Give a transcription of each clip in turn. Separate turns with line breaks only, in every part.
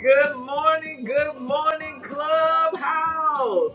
Good morning, good morning, Clubhouse.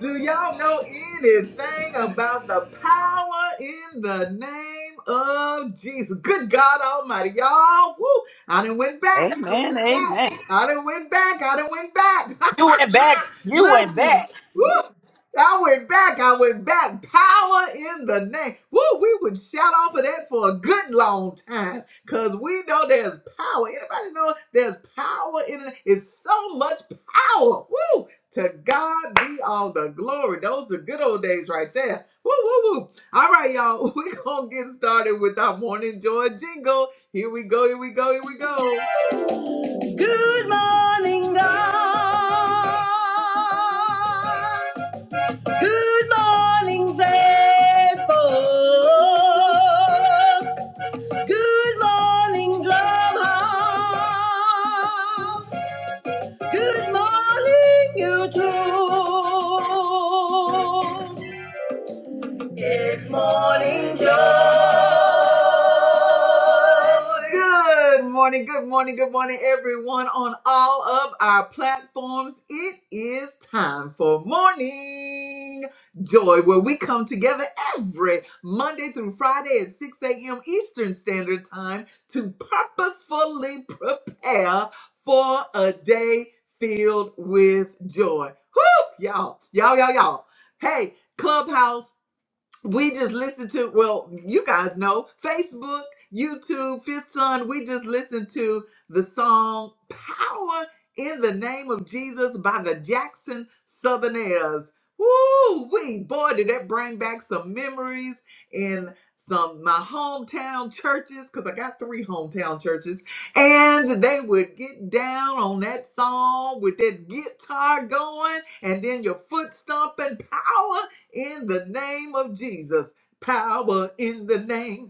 Do y'all know anything about the power in the name of Jesus? Good God Almighty, y'all. Woo! I done went back. I done
Amen.
went back.
Amen.
I done went back. I done went back.
You went back. You went
Listen.
back.
Woo! I went back. I went back. Power in the name. Woo, we would shout off of that for a good long time because we know there's power. Anybody know there's power in it? It's so much power. Woo! To God be all the glory. Those are good old days right there. Woo, woo, woo. All right, y'all. We're going to get started with our morning joy jingle. Here we go. Here we go. Here we go. Good morning, God. Good morning, Facebook. Good morning, Drumhouse. Good morning, YouTube. It's morning joy. Good morning, good morning, good morning, everyone on all of our platforms. It is time for morning joy, where we come together every Monday through Friday at 6 a.m. Eastern Standard Time to purposefully prepare for a day filled with joy. Whoo, y'all, y'all, y'all, y'all. Hey, Clubhouse we just listened to well you guys know facebook youtube fifth son we just listened to the song power in the name of jesus by the jackson southerners Woo wee boy did that bring back some memories in some my hometown churches because i got three hometown churches and they would get down on that song with that guitar going and then your foot stomping power in the name of Jesus. Power in the name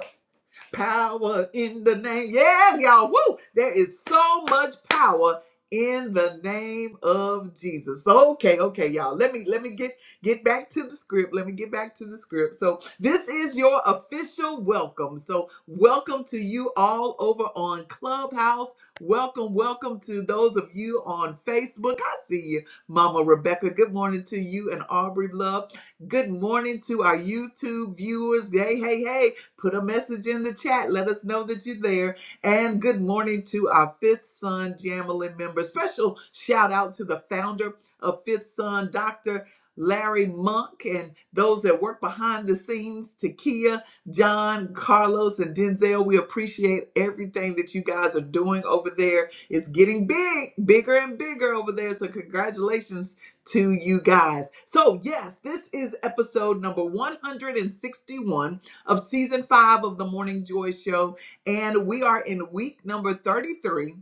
Power in the name. Yeah, y'all. Woo! There is so much power in the name of Jesus. So, Okay, okay, y'all. Let me let me get get back to the script. Let me get back to the script. So, this is your official welcome. So, welcome to you all over on Clubhouse. Welcome, welcome to those of you on Facebook. I see you, Mama Rebecca. Good morning to you and Aubrey Love. Good morning to our YouTube viewers. Hey, hey, hey. Put a message in the chat. Let us know that you're there. And good morning to our Fifth Son Jamily member. Special shout out to the founder of Fifth Son, Dr. Larry Monk, and those that work behind the scenes, Takia, John, Carlos, and Denzel. We appreciate everything that you guys are doing over there. It's getting big, bigger and bigger over there. So, congratulations to you guys. So, yes, this is episode number 161 of season five of the Morning Joy Show. And we are in week number 33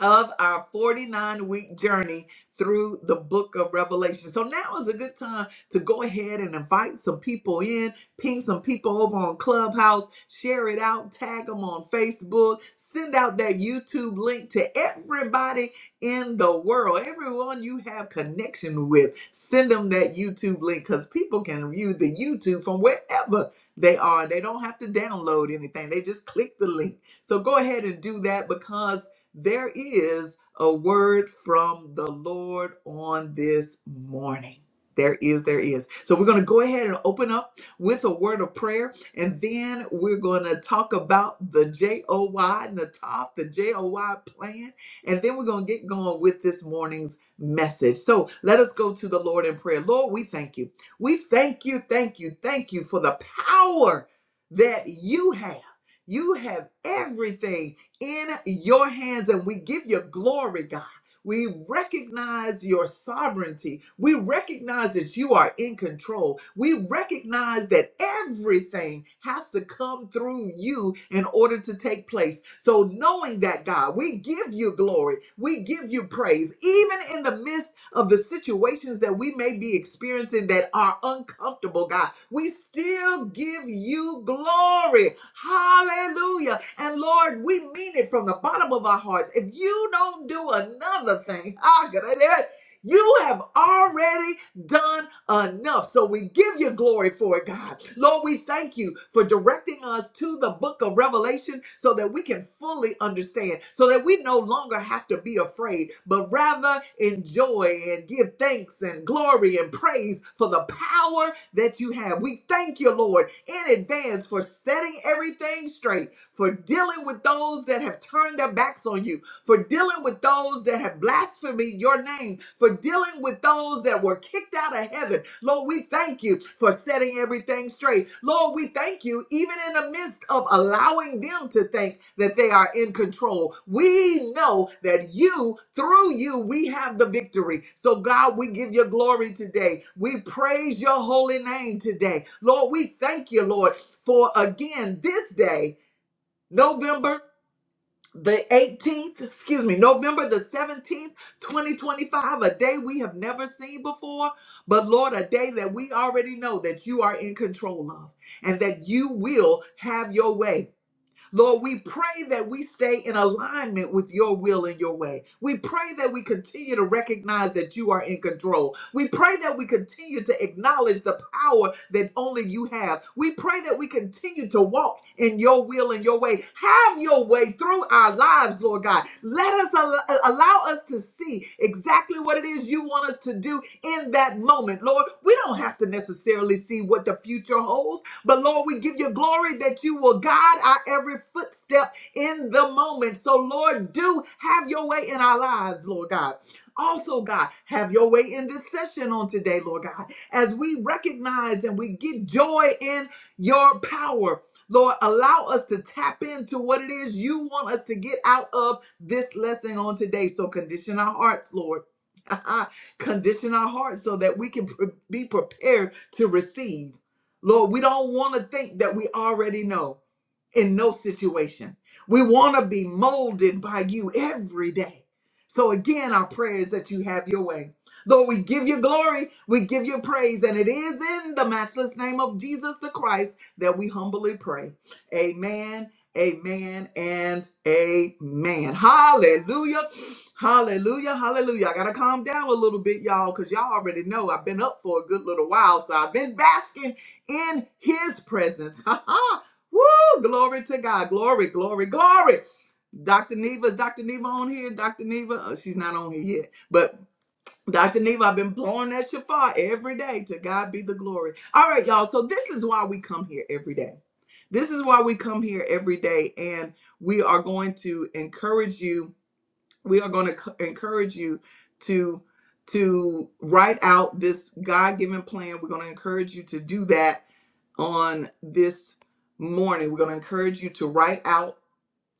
of our 49 week journey through the book of Revelation. So now is a good time to go ahead and invite some people in, ping some people over on Clubhouse, share it out, tag them on Facebook, send out that YouTube link to everybody in the world, everyone you have connection with. Send them that YouTube link because people can view the YouTube from wherever they are. They don't have to download anything, they just click the link. So go ahead and do that because there is a word from the Lord on this morning. There is, there is. So we're going to go ahead and open up with a word of prayer, and then we're going to talk about the J O Y, Nataf, the J O Y plan, and then we're going to get going with this morning's message. So let us go to the Lord in prayer. Lord, we thank you. We thank you, thank you, thank you for the power that you have. You have everything in your hands and we give you glory, God. We recognize your sovereignty. We recognize that you are in control. We recognize that everything has to come through you in order to take place. So, knowing that, God, we give you glory. We give you praise, even in the midst of the situations that we may be experiencing that are uncomfortable, God. We still give you glory. Hallelujah. And Lord, we mean it from the bottom of our hearts. If you don't do another thing, ah, God, that- you have already done enough. So we give you glory for it, God. Lord, we thank you for directing us to the book of Revelation so that we can fully understand, so that we no longer have to be afraid, but rather enjoy and give thanks and glory and praise for the power that you have. We thank you, Lord, in advance for setting everything straight, for dealing with those that have turned their backs on you, for dealing with those that have blasphemed your name, for dealing with those that were kicked out of heaven. Lord, we thank you for setting everything straight. Lord, we thank you even in the midst of allowing them to think that they are in control. We know that you, through you, we have the victory. So, God, we give you glory today. We praise your holy name today. Lord, we thank you, Lord, for again this day. November the 18th, excuse me, November the 17th, 2025, a day we have never seen before, but Lord, a day that we already know that you are in control of and that you will have your way. Lord, we pray that we stay in alignment with your will and your way. We pray that we continue to recognize that you are in control. We pray that we continue to acknowledge the power that only you have. We pray that we continue to walk in your will and your way. Have your way through our lives, Lord God. Let us al- allow us to see exactly what it is you you want us to do in that moment, Lord. We don't have to necessarily see what the future holds, but Lord, we give you glory that you will guide our every footstep in the moment. So, Lord, do have your way in our lives, Lord God. Also, God, have your way in this session on today, Lord God, as we recognize and we get joy in your power. Lord, allow us to tap into what it is you want us to get out of this lesson on today. So, condition our hearts, Lord. Condition our hearts so that we can pre- be prepared to receive. Lord, we don't want to think that we already know in no situation. We want to be molded by you every day. So, again, our prayer is that you have your way. Lord, we give you glory, we give you praise, and it is in the matchless name of Jesus the Christ that we humbly pray. Amen, amen, and amen. Hallelujah, hallelujah, hallelujah. I got to calm down a little bit, y'all, because y'all already know I've been up for a good little while. So I've been basking in his presence. Woo! Glory to God. Glory, glory, glory. Dr. Neva, is Dr. Neva on here? Dr. Neva, oh, she's not on here yet. But Dr. Neva, I've been blowing that shofar every day. To God be the glory. All right, y'all. So this is why we come here every day. This is why we come here every day. And we are going to encourage you. We are going to encourage you to to write out this God-given plan. We're going to encourage you to do that on this morning. We're going to encourage you to write out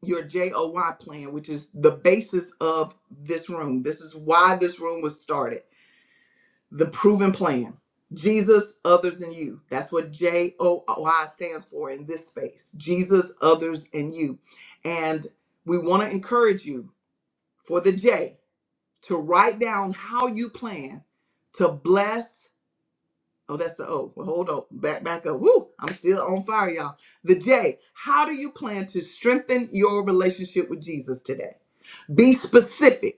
your JOY plan, which is the basis of this room. This is why this room was started. The proven plan Jesus, others, and you. That's what JOY stands for in this space Jesus, others, and you. And we want to encourage you for the J to write down how you plan to bless Oh, that's the O. Well, hold on. Back back up. Woo! I'm still on fire, y'all. The J. How do you plan to strengthen your relationship with Jesus today? Be specific.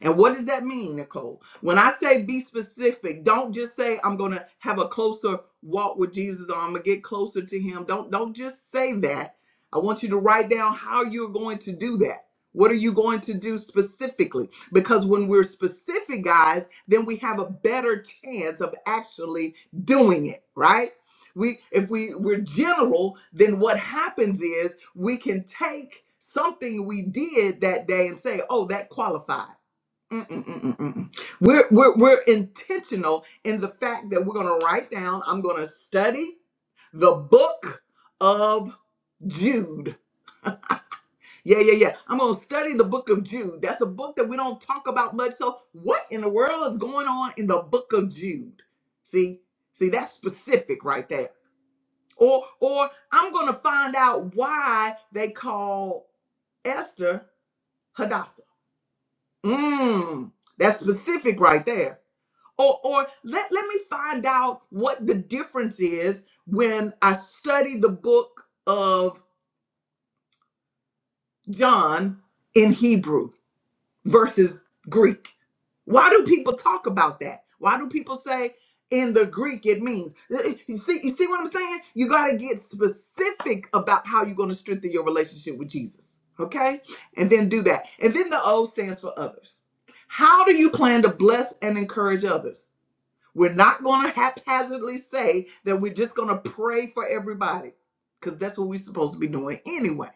And what does that mean, Nicole? When I say be specific, don't just say I'm going to have a closer walk with Jesus or I'm going to get closer to him. Don't don't just say that. I want you to write down how you're going to do that. What are you going to do specifically? Because when we're specific, guys, then we have a better chance of actually doing it, right? We if we we're general, then what happens is we can take something we did that day and say, "Oh, that qualified." Mm-mm-mm-mm-mm. We're, we're, we're intentional in the fact that we're going to write down, I'm going to study the book of Jude. Yeah, yeah, yeah. I'm going to study the book of Jude. That's a book that we don't talk about much. So, what in the world is going on in the book of Jude? See, see, that's specific right there. Or, or I'm going to find out why they call Esther Hadassah. Mmm, that's specific right there. or or let let me find out what the difference is when I study the book of John in Hebrew versus Greek. Why do people talk about that? Why do people say in the Greek it means? Uh, uh, You see, you see what I'm saying? You got to get specific about how you're going to strengthen your relationship with Jesus. Okay? And then do that. And then the O stands for others. How do you plan to bless and encourage others? We're not going to haphazardly say that we're just going to pray for everybody because that's what we're supposed to be doing anyway.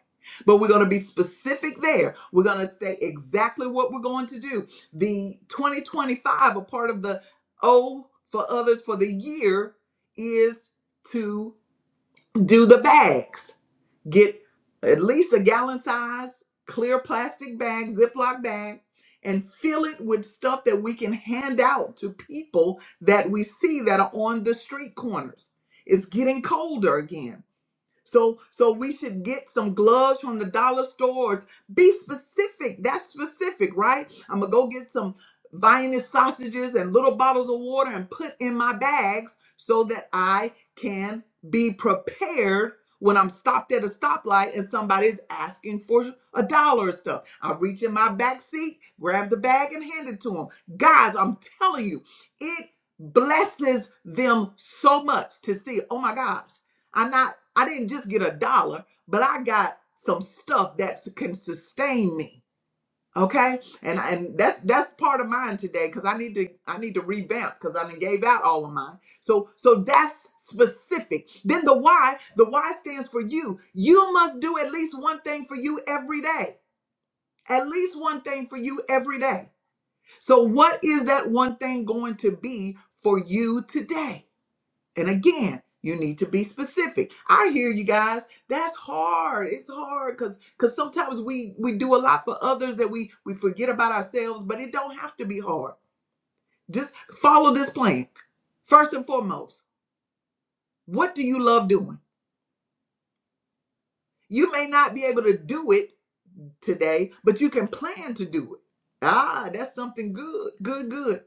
But we're going to be specific there. We're going to say exactly what we're going to do. The 2025, a part of the O for others for the year, is to do the bags. Get at least a gallon size clear plastic bag, Ziploc bag, and fill it with stuff that we can hand out to people that we see that are on the street corners. It's getting colder again so so we should get some gloves from the dollar stores. Be specific. That's specific, right? I'm gonna go get some Viennese sausages and little bottles of water and put in my bags so that I can be prepared when I'm stopped at a stoplight and somebody's asking for a dollar or stuff. I reach in my back seat, grab the bag, and hand it to them. Guys, I'm telling you, it blesses them so much to see, oh my gosh. I'm not, I didn't just get a dollar, but I got some stuff that can sustain me. Okay. And and that's that's part of mine today because I need to I need to revamp because I done gave out all of mine. So so that's specific. Then the why, the why stands for you. You must do at least one thing for you every day. At least one thing for you every day. So what is that one thing going to be for you today? And again, you need to be specific. I hear you guys. That's hard. It's hard because because sometimes we we do a lot for others that we we forget about ourselves. But it don't have to be hard. Just follow this plan. First and foremost, what do you love doing? You may not be able to do it today, but you can plan to do it. Ah, that's something good, good, good.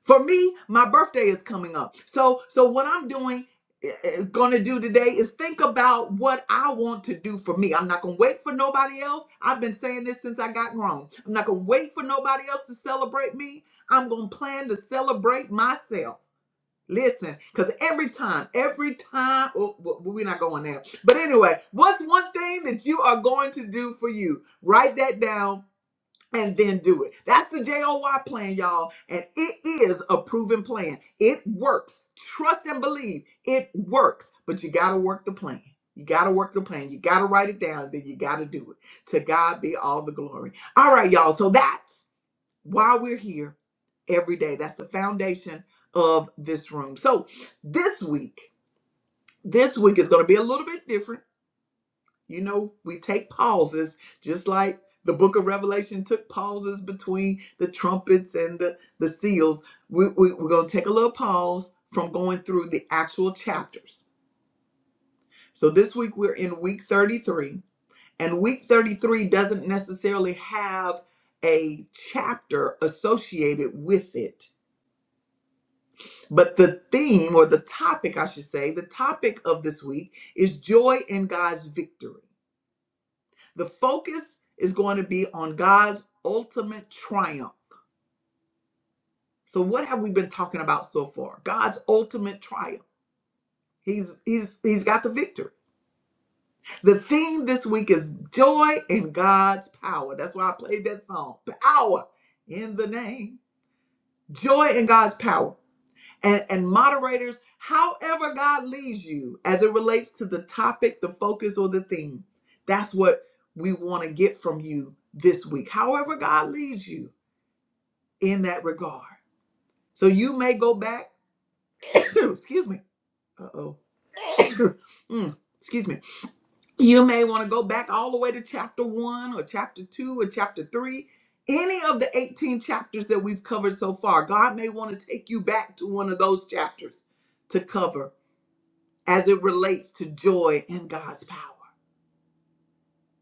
For me, my birthday is coming up. So so what I'm doing eh, eh, gonna do today is think about what I want to do for me. I'm not gonna wait for nobody else. I've been saying this since I got grown. I'm not gonna wait for nobody else to celebrate me. I'm gonna plan to celebrate myself. Listen, because every time, every time, oh, w- we're not going there. But anyway, what's one thing that you are going to do for you? Write that down and then do it. That's the JOY plan, y'all. And it is a proven plan. It works. Trust and believe it works. But you got to work the plan. You got to work the plan. You got to write it down. Then you got to do it. To God be all the glory. All right, y'all. So that's while we're here every day. That's the foundation of this room. So this week, this week is going to be a little bit different. You know, we take pauses just like the book of Revelation took pauses between the trumpets and the, the seals. We, we, we're going to take a little pause from going through the actual chapters. So this week we're in week 33, and week 33 doesn't necessarily have a chapter associated with it But the theme or the topic, I should say, the topic of this week is joy in God's victory. The focus is going to be on God's ultimate triumph. So what have we been talking about so far? God's ultimate triumph. He's he's he's got the victory. The theme this week is joy in God's power. That's why I played that song. Power in the name. Joy in God's power. and, and moderators, however God leads you as it relates to the topic, the focus, or the theme. That's what we want to get from you this week. However God leads you in that regard. So you may go back, excuse me. Uh oh. excuse me. You may want to go back all the way to chapter one or chapter two or chapter three. Any of the 18 chapters that we've covered so far, God may want to take you back to one of those chapters to cover as it relates to joy in God's power.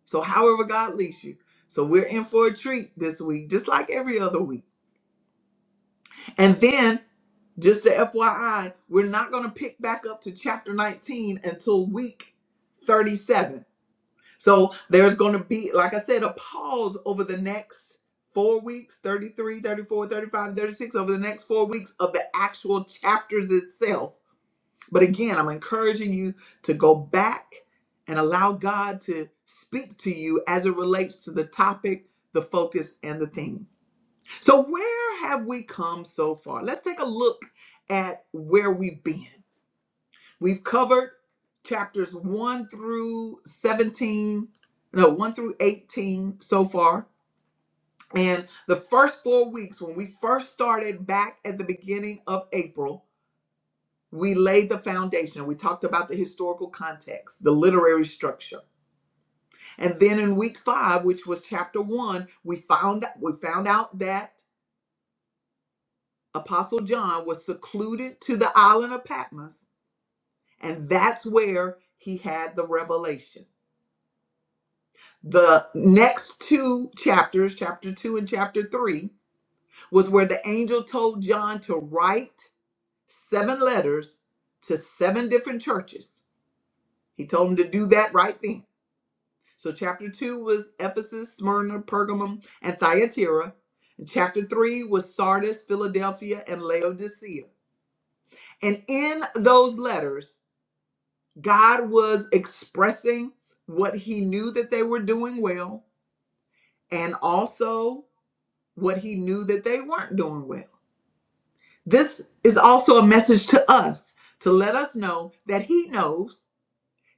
So, however, God leads you. So, we're in for a treat this week, just like every other week. And then, just to FYI, we're not going to pick back up to chapter 19 until week 37. So, there's going to be, like I said, a pause over the next four weeks 33, 34, 35, 36, over the next four weeks of the actual chapters itself But again, I'm encouraging you to go back and allow God to speak to you as it relates to the topic, the focus, and the theme. So, where have we come so far? Let's take a look at where we've been. We've covered chapters 1 through 17, no, 1 through 18 so far. And the first four weeks, when we first started back at the beginning of April, we laid the foundation. We talked about the historical context, the literary structure. And then in week 5, which was chapter 1, we found we found out that apostle John was secluded to the island of Patmos, and that's where he had the revelation. The next two chapters, chapter 2 and chapter 3, was where the angel told John to write seven letters to seven different churches. He told him to do that right then. So chapter two was Ephesus, Smyrna, Pergamum, and Thyatira. And chapter three was Sardis, Philadelphia, and Laodicea. And in those letters, God was expressing what he knew that they were doing well and also what he knew that they weren't doing well. This is also a message to us to let us know that he knows.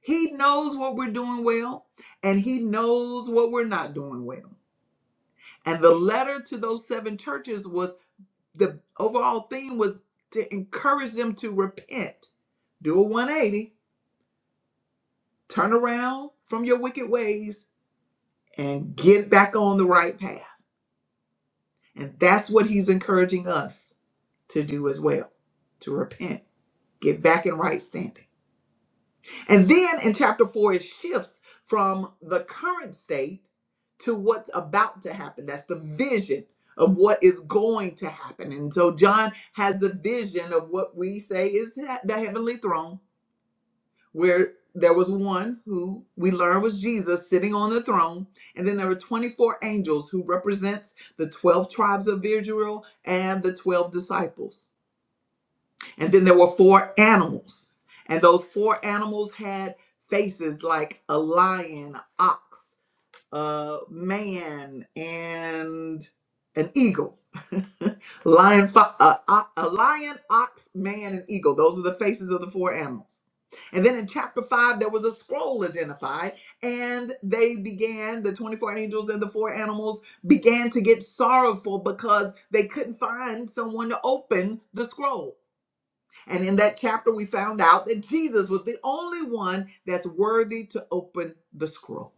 He knows what we're doing well and he knows what we're not doing well. And the letter to those seven churches was the overall theme was to encourage them to repent, do a 180, turn around from your wicked ways, and get back on the right path. And that's what he's encouraging us to do as well to repent, get back in right standing. And then in chapter four, it shifts from the current state to what's about to happen. That's the vision of what is going to happen. And so John has the vision of what we say is he- the heavenly throne, where there was one who we learn was Jesus sitting on the throne. And then there were 24 angels who represents the 12 tribes of Israel and the 12 disciples. And then there were four animals. And those four animals had faces like a lion, ox, a man, and an eagle. lion, fo- uh, o- a lion, ox, man, and eagle. Those are the faces of the four animals. And then in chapter five, there was a scroll identified, and they began, the 24 angels and the four animals began to get sorrowful because they couldn't find someone to open the scroll and in that chapter, we found out that Jesus was the only one that's worthy to open the scroll.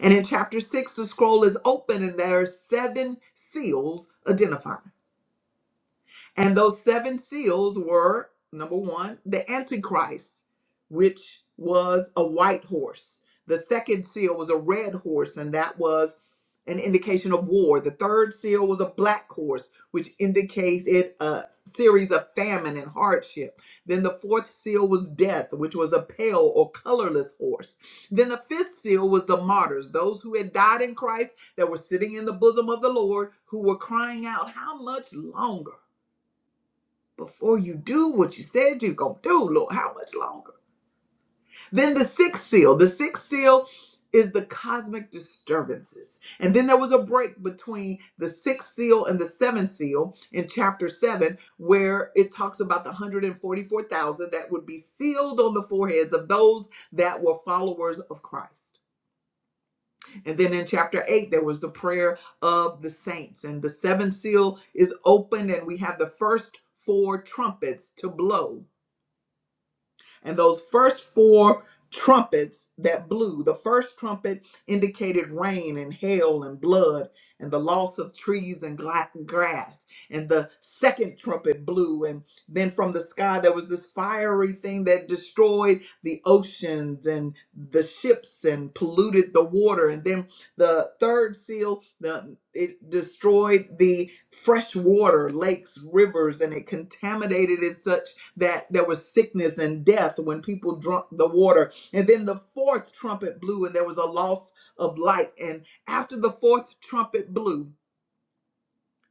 And in chapter six, the scroll is open and there are seven seals identified. And those seven seals were number one, the Antichrist, which was a white horse. The second seal was a red horse, and that was an indication of war. The third seal was a black horse, which indicated a series of famine and hardship. Then the fourth seal was death, which was a pale or colorless horse. Then the fifth seal was the martyrs, those who had died in Christ that were sitting in the bosom of the Lord, who were crying out, How much longer? before you do what you said you're going to do, Lord, how much longer? Then the sixth seal. The sixth seal is the cosmic disturbances. And then there was a break between the sixth seal and the seventh seal in chapter seven, where it talks about the 144,000 that would be sealed on the foreheads of those that were followers of Christ. And then in chapter 8, there was the prayer of the saints. And the seventh seal is opened, and we have the first four trumpets to blow And those first four trumpets that blew, the first trumpet indicated rain and hail and blood and the loss of trees and gla- grass. And the second trumpet blew, and then from the sky there was this fiery thing that destroyed the oceans and the ships and polluted the water. And then the third seal, the it destroyed the fresh water, lakes, rivers, and it contaminated it such that there was sickness and death when people drunk the water. And then the fourth trumpet blew, and there was a loss of light. And after the fourth trumpet blew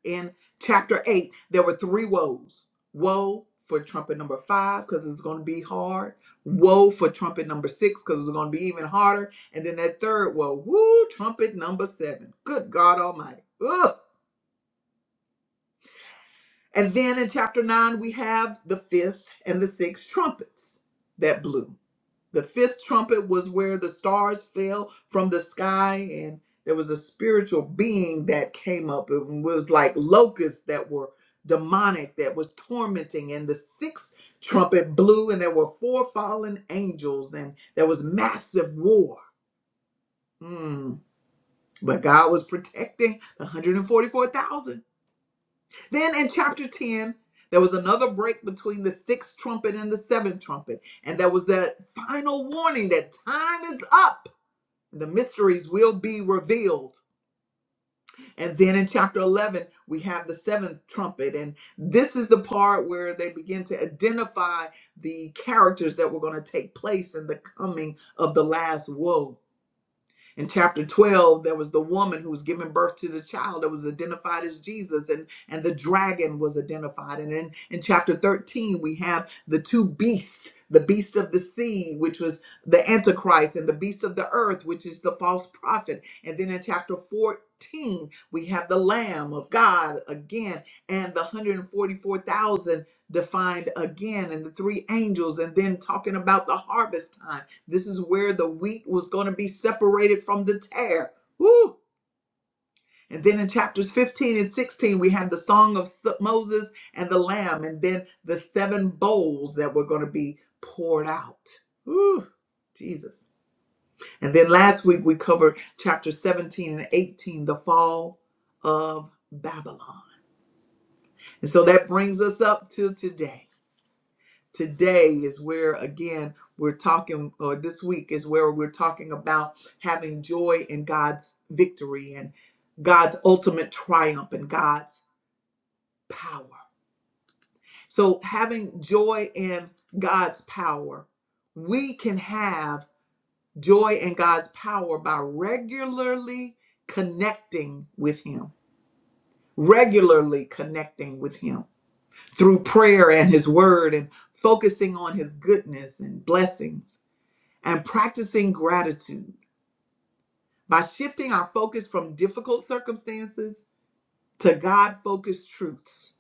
in chapter 8, there were three woes woe for trumpet number five, because it's going to be hard. Woe for trumpet number six, because it's going to be even harder. And then that third woe, woo, trumpet number seven. Good God Almighty. Ugh. And then in chapter 9, we have the fifth and the sixth trumpets that blew. The fifth trumpet was where the stars fell from the sky, and there was a spiritual being that came up. It was like locusts that were demonic, that was tormenting. And the sixth trumpet blew, and there were four fallen angels, and there was massive war. Mm, But God was protecting the 144,000. Then in chapter 10, there was another break between the sixth trumpet and the seventh trumpet. And there was that final warning that time is up the mysteries will be revealed. And then in chapter 11, we have the seventh trumpet. And this is the part where they begin to identify the characters that were going to take place in the coming of the last woe. In chapter 12, there was the woman who was giving birth to the child that was identified as Jesus, and, and the dragon was identified. And in, in chapter 13, we have the two beasts the beast of the sea, which was the Antichrist, and the beast of the earth, which is the false prophet. And then in chapter 14, we have the Lamb of God again, and the 144,000 defined again, and the three angels, and then talking about the harvest time this is where the wheat was going to be separated from the tare. Woo! And then in chapters 15 and 16, we have the song of Moses and the lamb, and then the seven bowls that were going to be poured out. Woo! Jesus. And then last week, we covered chapters 17 and 18, the fall of Babylon. And so that brings us up till today. today is where again we're talking or this week is where we're talking about having joy in God's victory and God's ultimate triumph and God's power. So having joy in God's power, we can have joy in God's power by regularly connecting with him. Regularly connecting with him through prayer and his word and focusing on his goodness and blessings and practicing gratitude by shifting our focus from difficult circumstances to God focused truths.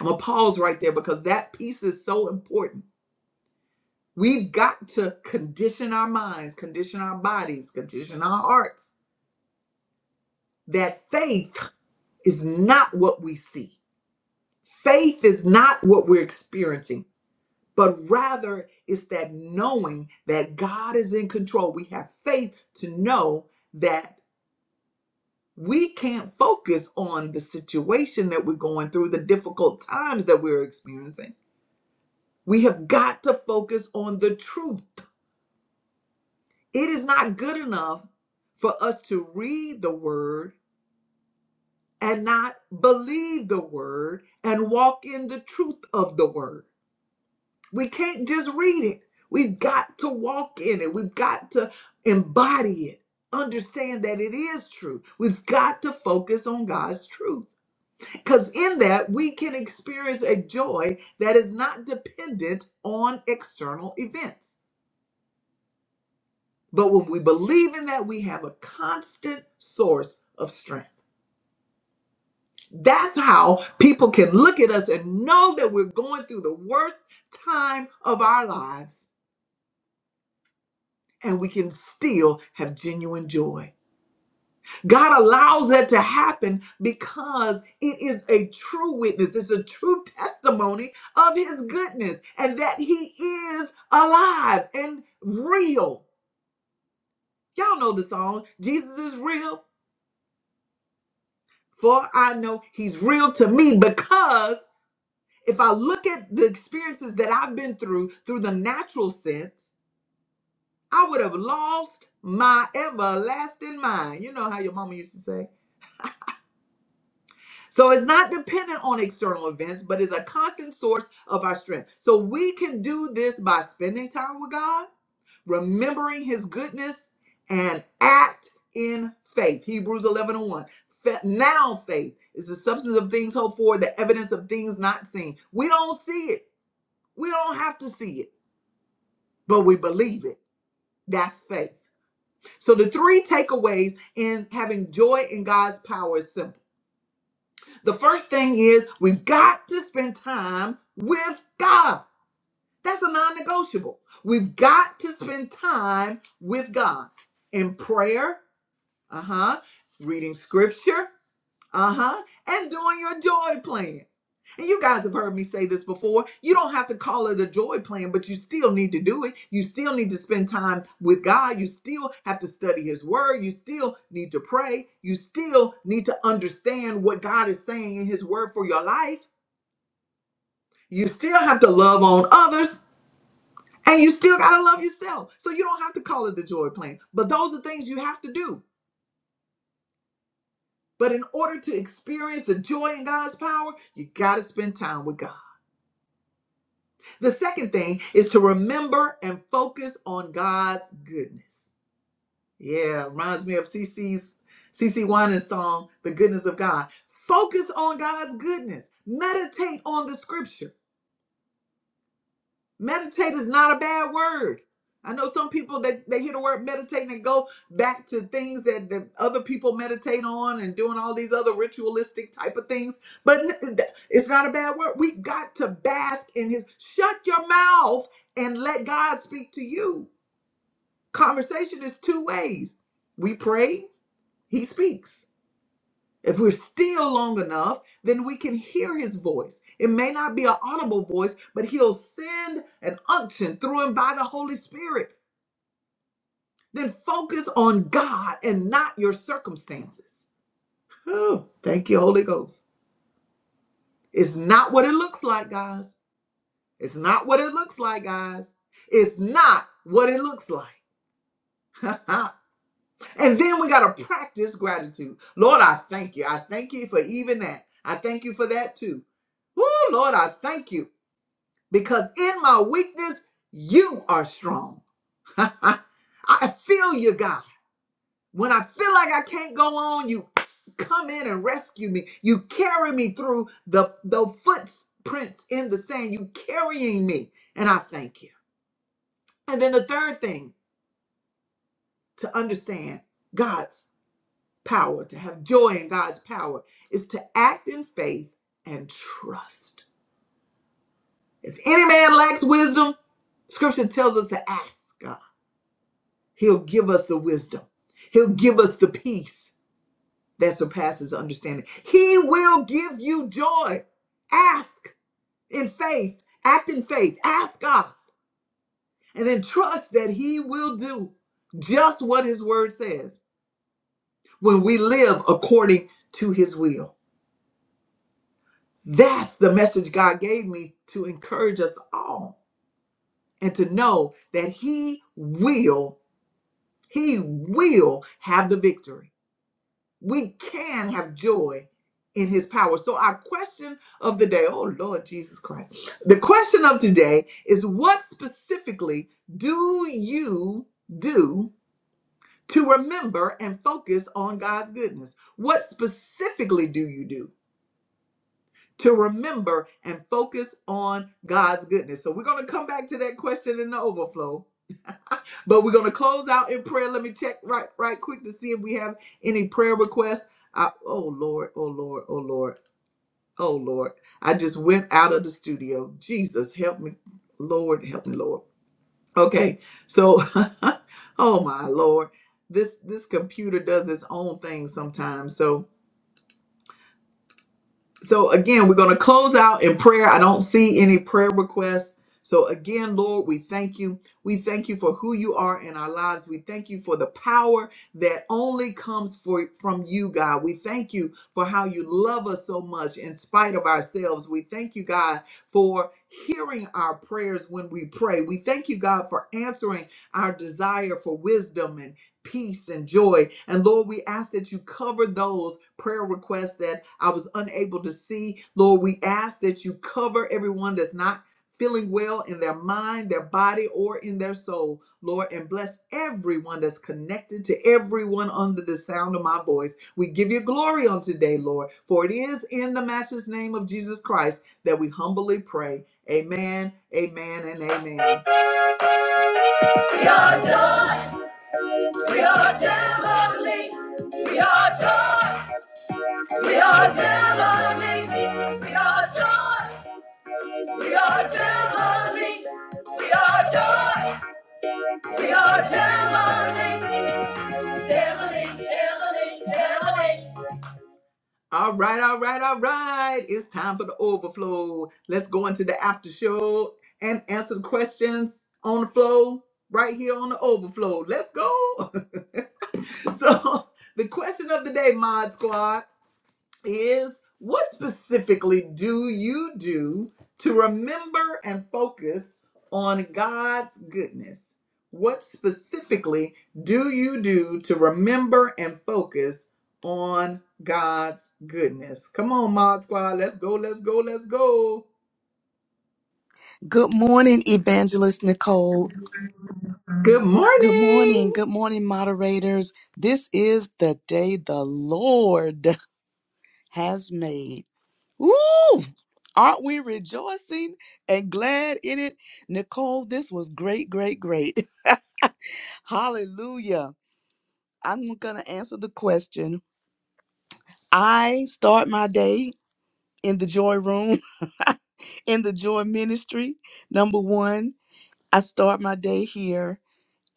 I'm going to pause right there because that piece is so important. We've got to condition our minds, condition our bodies, condition our hearts that faith is not what we see. Faith is not what we're experiencing, but rather it's that knowing that God is in control. We have faith to know that we can't focus on the situation that we're going through, the difficult times that we're experiencing. We have got to focus on the truth. It is not good enough for us to read the word and not believe the word and walk in the truth of the word. We can't just read it. We've got to walk in it. We've got to embody it, understand that it is true. We've got to focus on God's truth. Because in that, we can experience a joy that is not dependent on external events. But when we believe in that, we have a constant source of strength. That's how people can look at us and know that we're going through the worst time of our lives and we can still have genuine joy. God allows that to happen because it is a true witness. It's a true testimony of his goodness and that he is alive and real. Y'all know the song, Jesus is real, for I know he's real to me because if I look at the experiences that I've been through through the natural sense, I would have lost my everlasting mind. You know how your mama used to say. So it's not dependent on external events, but is a constant source of our strength. So we can do this by spending time with God, remembering his goodness, and act in faith. Hebrews 11 and 1. Fa- Now faith is the substance of things hoped for, the evidence of things not seen. We don't see it. We don't have to see it, but we believe it. That's faith. So the three takeaways in having joy in God's power is simple. The first thing is we've got to spend time with God. That's a non negotiable. We've got to spend time with God in prayer, uh huh, reading scripture, uh-huh. And doing your joy plan. And you guys have heard me say this before. You don't have to call it a joy plan, but you still need to do it. You still need to spend time with God. You still have to study His Word. You still need to pray. You still need to understand what God is saying in His Word for your life. You still have to love on others. And you still got to love yourself. So you don't have to call it the joy plan. But those are things you have to do. But in order to experience the joy in God's power, you got to spend time with God. The second thing is to remember and focus on God's goodness. Yeah, reminds me of CC's CC Winans song, The Goodness of God. Focus on God's goodness. Meditate on the scripture. Meditate is not a bad word. I know some people that they hear the word meditate and go back to things that, that other people meditate on and doing all these other ritualistic type of things. But n- th- it's not a bad word. We got to bask in his shut your mouth and let God speak to you. Conversation is two ways. We pray, he speaks. If we're still long enough, then we can hear his voice. It may not be an audible voice, but he'll send an unction through him by the Holy Spirit. Then focus on God and not your circumstances. Oh, thank you, Holy Ghost. It's not what it looks like, guys. It's not what it looks like, guys. It's not what it looks like. and then we got to practice gratitude. Lord, I thank you. I thank you for even that. I thank you for that too. Woo, Lord, I thank you. because in my weakness, you are strong. I feel you, God. When I feel like I can't go on, you come in and rescue me. You carry me through the, the footprints in the sand. You carrying me, and I thank you. And then the third thing to understand God's power, to have joy in God's power, is to act in faith and trust. If any man lacks wisdom, scripture tells us to ask God He'll give us the wisdom. He'll give us the peace that surpasses understanding. He will give you joy. Ask in faith, act in faith, ask God, and then trust that He will do just what His word says when we live according to His will. That's the message God gave me to encourage us all and to know that He will, He will have the victory we can have joy in his power. So, our question of the day, oh Lord Jesus Christ, the question of today is what specifically do you do to remember and focus on God's goodness? What specifically do you do? To remember and focus on God's goodness. So, we're going to come back to that question in the overflow but we're going to close out in prayer. Let me check right right quick to see if we have any prayer requests. I, oh Lord, oh Lord, oh Lord, oh Lord. I just went out of the studio. Jesus, help me. Lord, help me, Lord. Okay. So, oh my Lord. This this computer does its own thing sometimes. So, So again, we're going to close out in prayer. I don't see any prayer requests. So again, Lord, we thank you. We thank you for who you are in our lives. We thank you for the power that only comes for, from you, God. We thank you for how you love us so much in spite of ourselves. We thank you, God, for hearing our prayers when we pray. We thank you, God, for answering our desire for wisdom and peace and joy. And Lord, we ask that you cover those prayer requests that I was unable to see. Lord, we ask that you cover everyone that's not feeling well in their mind, their body, or in their soul. Lord, and bless everyone that's connected to everyone under the sound of my voice. We give you glory on today, Lord, for it is in the matchless name of Jesus Christ that we humbly pray. Amen, amen, and amen. Your joy. We are Jamboree. We are joy. We are Jamboree. We are joy. We are Jamboree. We are joy. We are Jamboree. Jamboree. Jamboree. Jamboree. All right, all right, all right. It's time for the overflow. Let's go into the after show and answer the questions on the flow right here on the overflow. Let's go. so, the question of the day, Mod Squad. is what specifically do you do to remember and focus on God's goodness? What specifically do you do to remember and focus on God's goodness? Come on, Mod Squad. Let's go, let's go, let's go.
Good morning, Evangelist Nicole.
Good
Good
morning.
morning. Good morning, moderators. This is the day the Lord has made. Woo! Aren't we rejoicing and glad in it? Nicole, this was great, great, great. Hallelujah. I'm going to answer the question. I start my day in the joy room, in the joy ministry. Number one, I start my day here.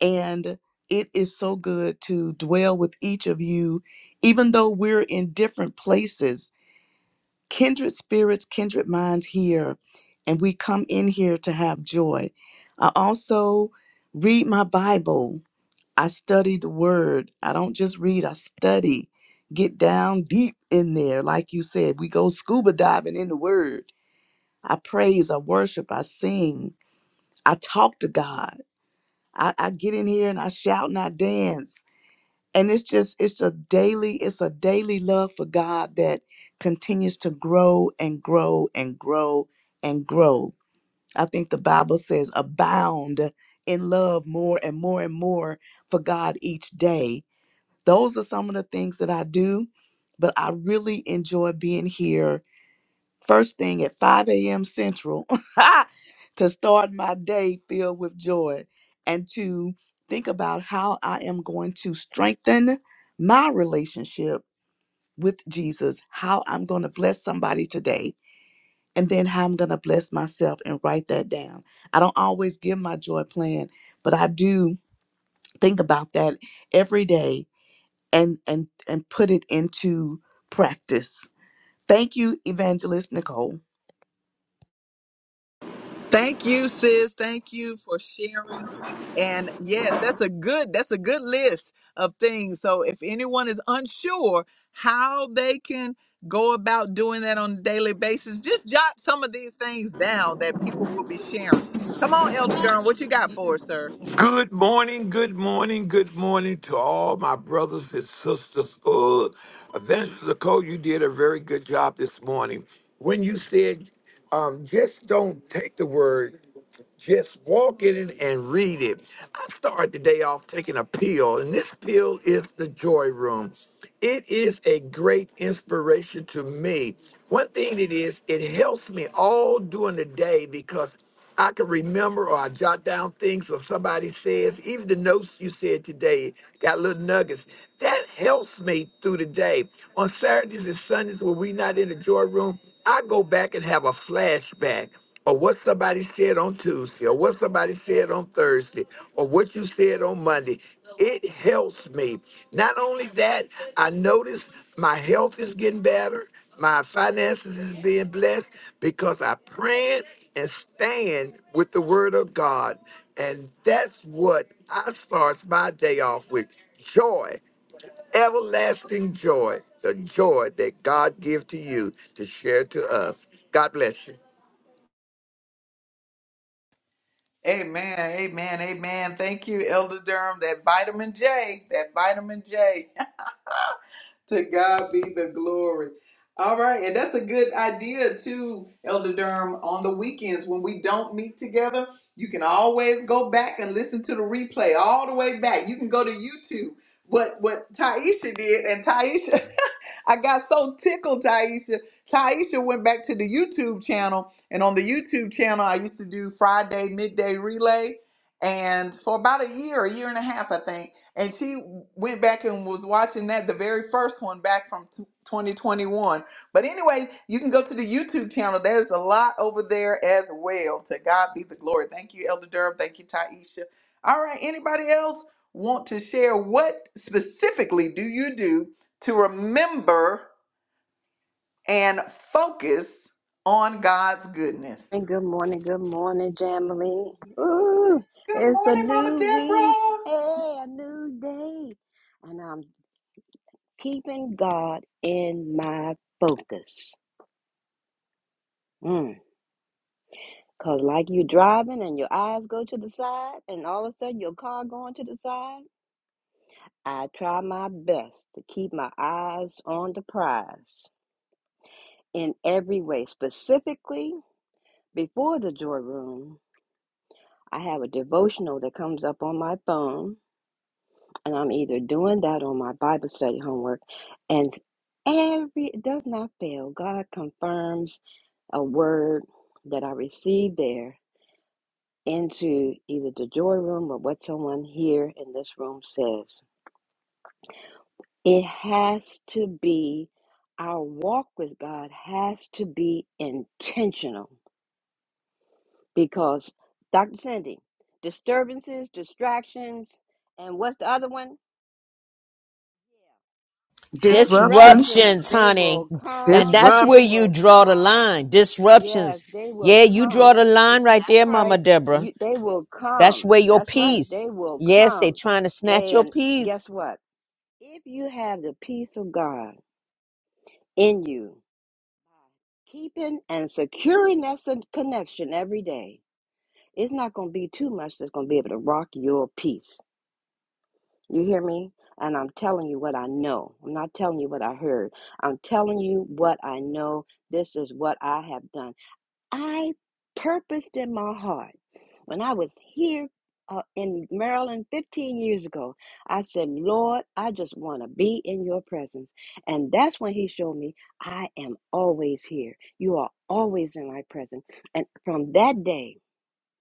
And it is so good to dwell with each of you, even though we're in different places, kindred spirits, kindred minds here. And we come in here to have joy. I also read my Bible. I study the word. I don't just read, I study. Get down deep in there. Like you said, we go scuba diving in the word. I praise, I worship, I sing, I talk to God. I, I get in here and I shout and I dance. and it's just it's a daily it's a daily love for god that continues to grow and grow and grow and grow i think the bible says abound in love more and more and more for god each day those are some of the things that i do but i really enjoy being here First thing at 5 a.m. Central to start my day filled with joy and to think about how I am going to strengthen my relationship with Jesus, how I'm going to bless somebody today, and then how I'm going to bless myself and write that down. I don't always give my joy plan, but I do think about that every day and and and put it into practice. Thank you, Evangelist Nicole.
Thank you, sis. Thank you for sharing. And yes, that's a good that's a good list of things. So if anyone is unsure how they can go about doing that on a daily basis, just jot some of these things down that people will be sharing. Come on, Elder Durham, what you got for us, sir?
Good morning, good morning, good morning to all my brothers and sisters. Uh, Evangelist Nicole, you did a very good job this morning. When you said, um, just don't take the word. Just walk in it and read it. I started the day off taking a pill, and this pill is the Joy Room. It is a great inspiration to me. One thing it is, it helps me all during the day because I can remember or I jot down things or somebody says, even the notes you said today got little nuggets. That helps me through the day. On Saturdays and Sundays when we not in the joy room, I go back and have a flashback or what somebody said on Tuesday, or what somebody said on Thursday, or what you said on Monday. It helps me. Not only that, I notice my health is getting better, my finances is being blessed because I pray and stand with the word of God. And that's what I starts my day off with. Joy, everlasting joy, the joy that God gives to you to share to us. God bless you.
Amen, amen, amen. Thank you, Elder Durham. That vitamin J, that vitamin J. to God be the glory. All right, and that's a good idea too, Elder Durham. On the weekends when we don't meet together, you can always go back and listen to the replay all the way back. You can go to YouTube. What what Taisha did, and Taisha I got so tickled, Taisha. Taisha went back to the YouTube channel, and on the YouTube channel, I used to do Friday midday relay, and for about a year, a year and a half, I think and she went back and was watching that the very first one back from t- 2021 but anyway you can go to the youtube channel there's a lot over there as well to god be the glory thank you elder durham thank you taisha all right anybody else want to share what specifically do you do to remember and focus on god's goodness
And good morning, good morning, Jamily. Ooh,
good
it's a
morning mama
new week.
deborah
Hey, a new day. And I'm keeping God in my focus. Mm. Cause like you driving and your eyes go to the side, and all of a sudden your car going to the side. I try my best to keep my eyes on the prize in every way. Specifically, before the joy room, I have a devotional that comes up on my phone and I'm either doing that or my Bible study homework. And every it does not fail. God confirms a word that I received there into either the joy room or what someone here in this room says. It has to be our walk with God has to be intentional because Dr. Cindy, disturbances, distractions, and what's the other one? Yeah.
Disruptions.
Disruptions,
Disruptions,
they
honey.
will
And
come.
that's where
They
Disrupts.
you
will
draw the
come.
line.
Yes,
Disruptions.
they will
Yeah, you draw
come.
the line right there,
That's
Mama
right.
Deborah.
You, they will
That's
come.
where your
That's right. They
peace.
will
Yes, they
come.
trying to snatch your
And
peace.
guess what? If you have the peace of God in you, keeping and securing that s- connection every day, it's not going to be too much that's going to be able to rock your peace. You hear me? And I'm telling you what I know. I'm not telling you what I heard. I'm telling you what I know. This is what I have done. I purposed in my heart when I was here uh, in Maryland 15 years ago, I said, Lord, I just want to be in your presence. And that's when he showed me I am always here. You are always in my presence. And from that day,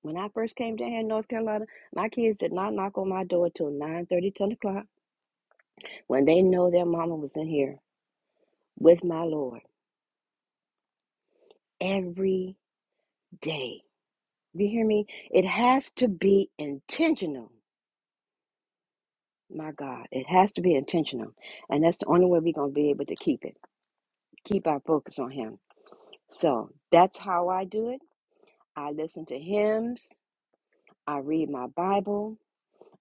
when I first came down here in North Carolina, my kids did not knock on my door till 9 30, 10 o'clock. When they know their mama was in here with my Lord every day. You hear me? It has to be intentional. My God, it has to be intentional. And that's the only way we're going to be able to keep it, keep our focus on Him. So that's how I do it. I listen to hymns, I read my Bible.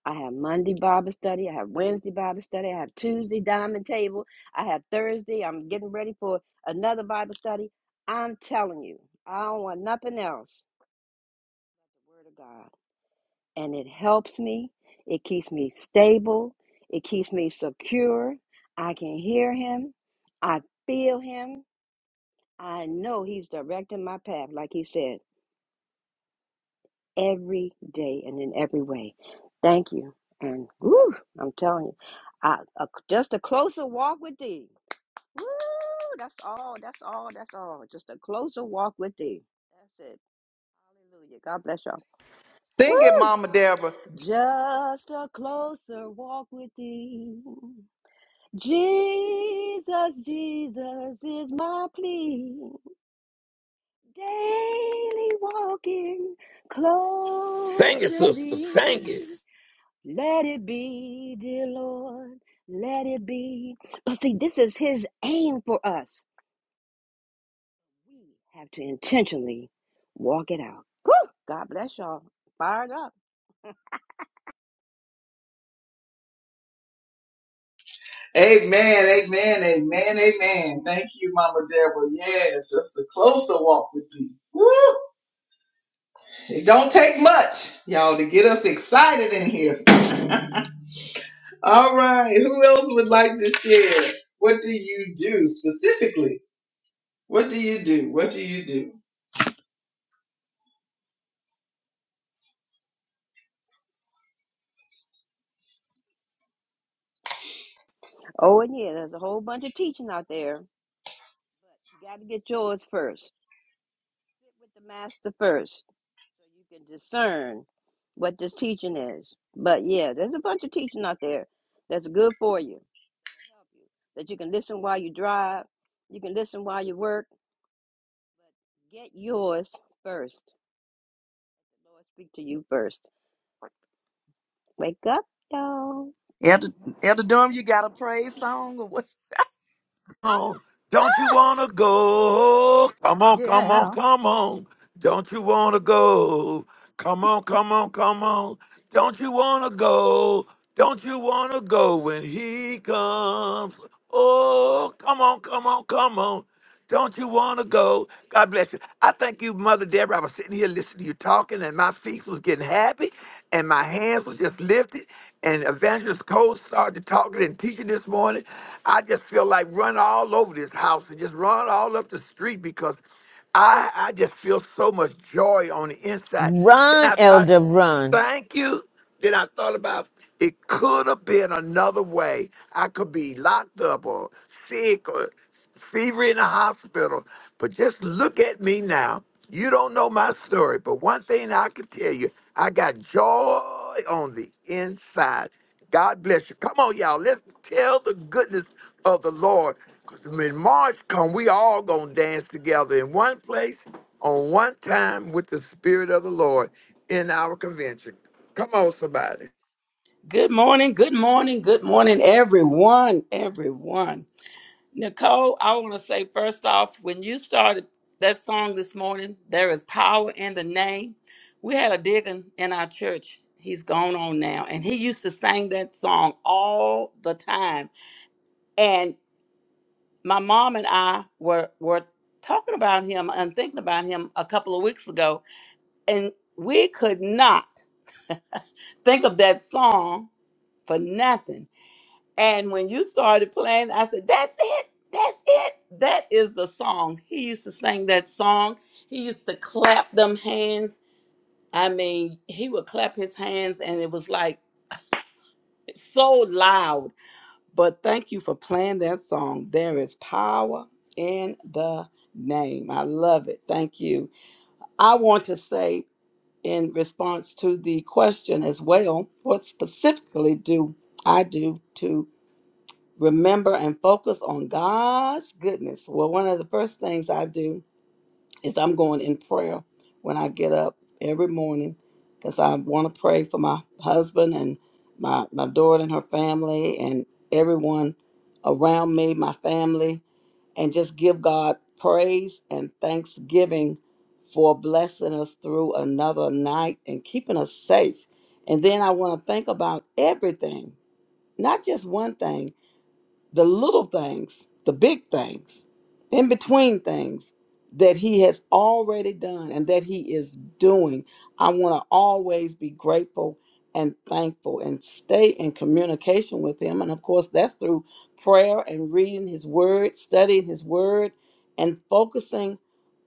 I have Monday Bible study. I have Wednesday Bible study. I have Tuesday Diamond Table. I have Thursday. I'm getting ready for another Bible study. I'm telling you, I don't want nothing else. the Word of God. And it helps me. It keeps me stable. It keeps me secure. I can hear him. I feel him. I know he's directing my path, like he said, every day and in every way. Thank you. And woo, I'm telling you, I, a, just a closer walk with thee. Woo, that's all. That's all. That's all. Just a closer walk with thee. That's it. Hallelujah. God bless y'all.
sing it
Woo!
mama deborah
Just a closer walk with thee. Jesus, Jesus is my plea. Daily walking close
Sing it,
to
sister. Sing
thee.
it.
Let it be, dear Lord, let it be. But see, this is his aim for us. We have to intentionally walk it out. Whew! God bless y'all. Fired up.
Amen, amen, amen, amen. Thank you, Mama Deborah. Yes, just the closer walk with thee. Whew. It don't take much, y'all, to get us excited in here. All right, who else would like to share? What do you do specifically? What do you do? What do you do?
Oh, and yeah, there's a whole bunch of teaching out there But you got to get yours first. Sit with the master first so you can discern what this teaching is. But yeah, there's a bunch of teaching out there that's good for you, that help you, that you can listen while you drive, you can listen while you work. But get yours first. The Lord speak to you first. Wake up, y'all.
Elder, Elder Durham, you got a praise song or what?
Oh, don't you wanna go? Come on, come on,
Yeah.
come on. Don't you wanna go? Come on, come on, come on. Don't you wanna go? Don't you wanna go when he comes? Oh, come on, come on, come on. Don't you want to go? God bless you. I thank you, Mother Deborah. I was sitting here listening to you talking, and my feet was getting happy, and my hands was just lifted. And Evangelist Cole started talking and teaching this morning. I just feel like run all over this house and just run all up the street because I I just feel so much joy on the inside. Then
Run,
I
elder,
thought.
run.
Thank you. Then I thought about it could have been another way. I could be locked up or sick or fever in the hospital. But just look at me now. You don't know my story, but one thing I can tell you, I got joy on the inside. God bless you. Come on, y'all. Let's tell the goodness of the Lord. Because when March come, we all gonna dance together in one place, on one time, with the Spirit of the Lord in our convention. Come on, somebody.
Good morning, good morning, good morning, everyone, everyone. Nicole, I want to say first off, when you started that song this morning, there is power in the name. We had a deacon in our church. He's gone on now, and he used to sing that song all the time. And my mom and I were were talking about him and thinking about him a couple of weeks ago, and we could not. think of that song for nothing. And when you started playing, I said, That's it. That's it. That is the song. He used to sing that song. He used to clap them hands. I mean, he would clap his hands and it was like so loud. But thank you for playing that song. There is power in the name. I love it. Thank you. I want to say in response to the question as well what specifically do I do to remember and focus on God's goodness? Well, one of the first things I do is I'm going in prayer when I get up every morning because I want to pray for my husband and my, my daughter and her family and everyone around me, my family and just give God praise and thanksgiving for blessing us through another night and keeping us safe. And then I want to think about everything, not just one thing the little things, the big things, in between things that He has already done and that He is doing. I want to always be grateful and thankful and stay in communication with Him. And of course, that's through prayer and reading His Word, studying His Word, and focusing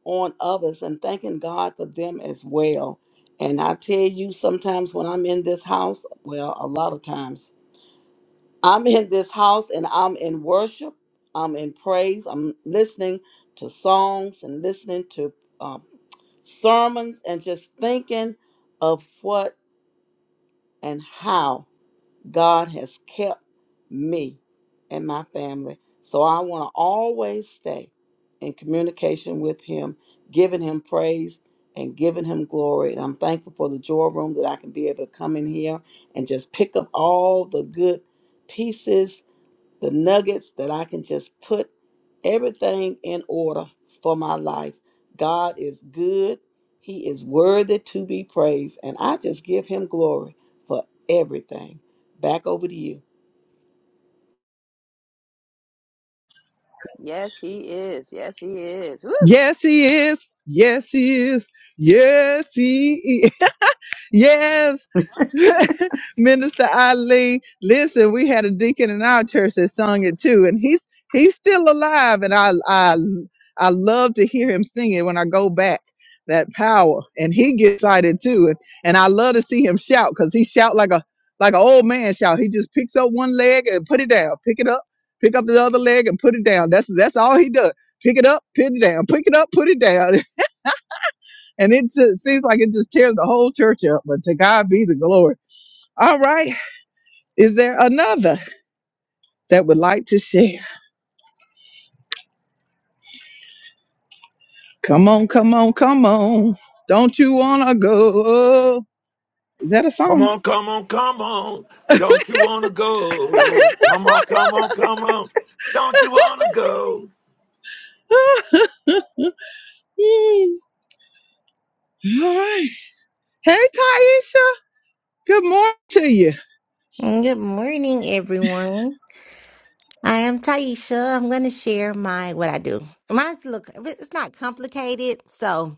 on others and thanking God for them as well. And I tell you, sometimes when I'm in this house, well, a lot of times I'm in this house and I'm in worship. I'm in praise. I'm listening to songs and listening to um, sermons and just thinking of what and how God has kept me and my family. So I want to always stay in communication with Him, giving Him praise and giving Him glory. And I'm thankful for the joy room that I can be able to come in here and just pick up all the good pieces the nuggets that I can just put everything in order for my life. God is good. He is worthy to be praised. And I just give him glory for everything. Back over to you.
Yes, He is. Yes, He is. Woo!
Yes, he is. Yes, he is. Yes, he is. Yes, Minister Ali. Listen, we had a deacon in our church that sung it too, and he's he's still alive, and I I I love to hear him sing it when I go back. That power, and he gets excited too, and, and I love to see him shout because he shout like a like an old man shout. He just picks up one leg and put it down, pick it up, pick up the other leg and put it down. That's that's all he does. Pick it up, put it down, pick it up, put it down. And it just seems like it just tears the whole church up, but to God be the glory. All right. Is there another that would like to share? Come on, come on, come on. Don't you want to go? Is that a
Come
song?
on, come on, come on. Don't you wanna go? Come on, come on, come on. Don't you wanna go?
Mm. All right. Hey, Taisha. Good morning to you.
Good morning, everyone. I am Taisha. I'm going to share my what I do. Mine's look, it's not complicated, so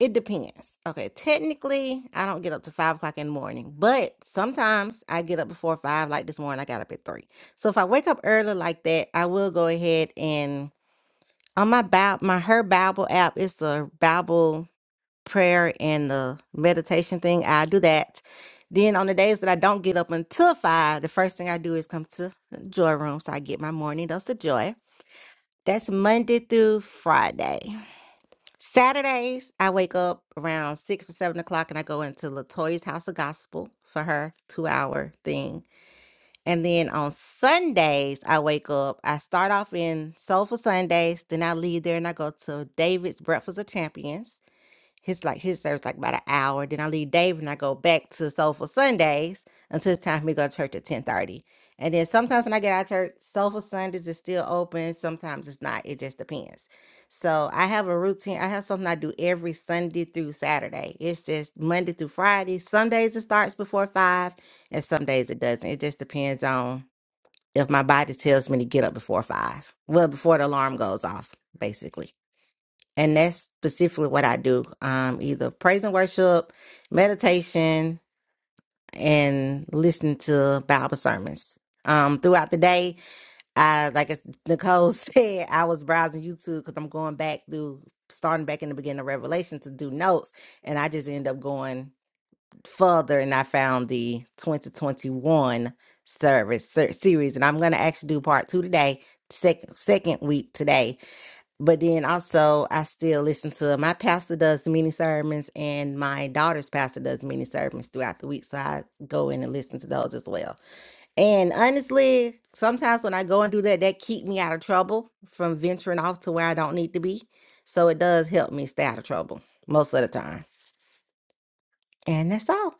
it depends. Okay, technically, I don't get up to five o'clock in the morning, but sometimes I get up before five. Like this morning, I got up at three. So if I wake up early like that, I will go ahead and on my Bible, my Her Bible app, it's a Bible prayer and the meditation thing, I do that. Then on the days that I don't get up until five, the first thing I do is come to the joy room. So I get my morning dose of joy. That's Monday through Friday. Saturdays, I wake up around six or seven o'clock and I go into Latoya's House of Gospel for her two hour thing. And then on Sundays, I wake up. I start off in Soulful Sundays, then I leave there and I go to David's Breakfast of Champions. His like his service like about an hour. Then I leave Dave and I go back to Soulful Sundays until it's time for me to go to church at ten thirty. And then sometimes when I get out of church, Soulful Sundays is still open. Sometimes it's not. It just depends. So I have a routine. I have something I do every Sunday through Saturday. It's just Monday through Friday. Some days it starts before five, and some days it doesn't. It just depends on if my body tells me to get up before five. Well, before the alarm goes off, basically. And that's specifically what I do. Um, either praise and worship, meditation, and listen to Bible sermons. Um, throughout the day, I, like as Nicole said, I was browsing YouTube because I'm going back through, starting back in the beginning of Revelation to do notes. And I just end up going further and I found the 2021 service ser- series. And I'm going to actually do part two today, second, second week today but then also, I still listen to my pastor does mini sermons, and my daughter's pastor does mini sermons throughout the week. So I go in and listen to those as well. And honestly, sometimes when I go and do that, that keep me out of trouble from venturing off to where I don't need to be. So it does help me stay out of trouble most of the time. And that's all.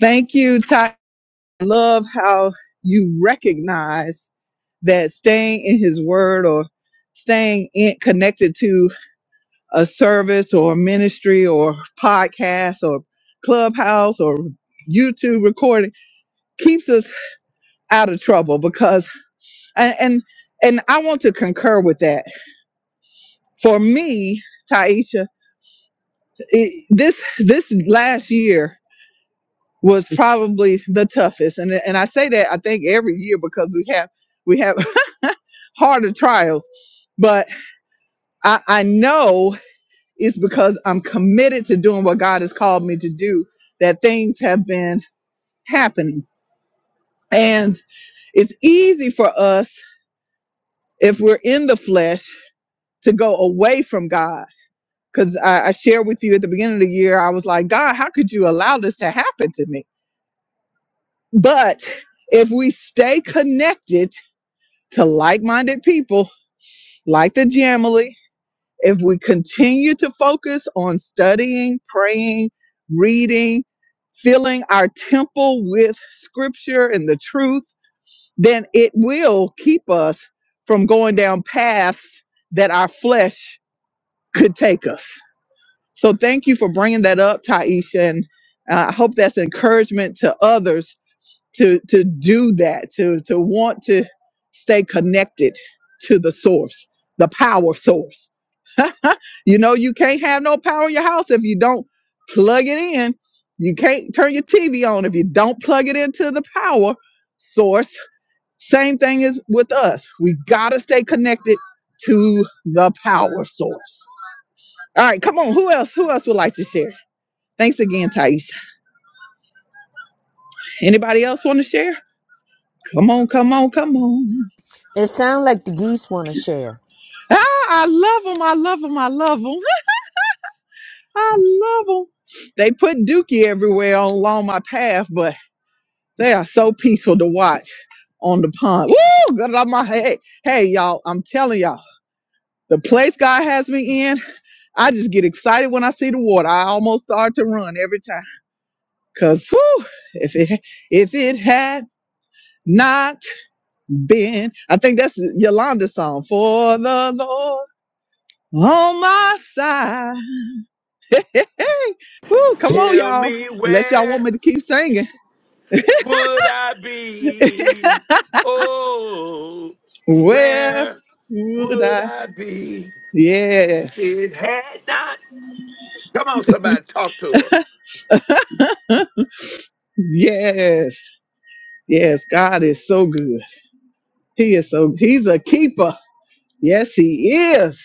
Thank you, Ty. I love how you recognize that staying in his word or staying in, connected to a service or a ministry or podcast or clubhouse or YouTube recording keeps us out of trouble because and and, and I want to concur with that. For me, Taisha, it, this this last year was probably the toughest, and and I say that I think every year because we have we have harder trials, but I, I know it's because I'm committed to doing what God has called me to do that things have been happening. And it's easy for us, if we're in the flesh, to go away from God. Because I, I shared with you at the beginning of the year, I was like, God, how could you allow this to happen to me? But if we stay connected to like minded people, like the Jamily, if we continue to focus on studying, praying, reading, filling our temple with scripture and the truth, then it will keep us from going down paths that our flesh could take us. So thank you for bringing that up, Taisha, and uh, I hope that's encouragement to others to to do that, to to want to stay connected to the source, the power source. You know, you can't have no power in your house if you don't plug it in. You can't turn your TV on if you don't plug it into the power source same thing is with us. We gotta stay connected to the power source. All right, come on. Who else? Who else would like to share? Thanks again, Thais. Anybody else want to share? Come on, come on, come on.
It sounds like the geese want to share.
Ah, I love them. I love them. I love them. I love them. They put Dookie everywhere along my path, but they are so peaceful to watch on the pond. Woo! Good on my hey, hey, y'all. I'm telling y'all, the place God has me in. I just get excited when I see the water. I almost start to run every time. Cause whew, if it if it had not been, I think that's Yolanda's song. For the Lord on my side. Hey, hey. Whew, come on,
Tell
y'all.
me
Unless y'all want
where.
me to keep singing.
would I be? Oh,
Where
where
would
would
I?
I be if
Yes.
it had not? Come on, somebody, talk to us.
Yes. Yes. God is so good. He is so he's a keeper. Yes, he is.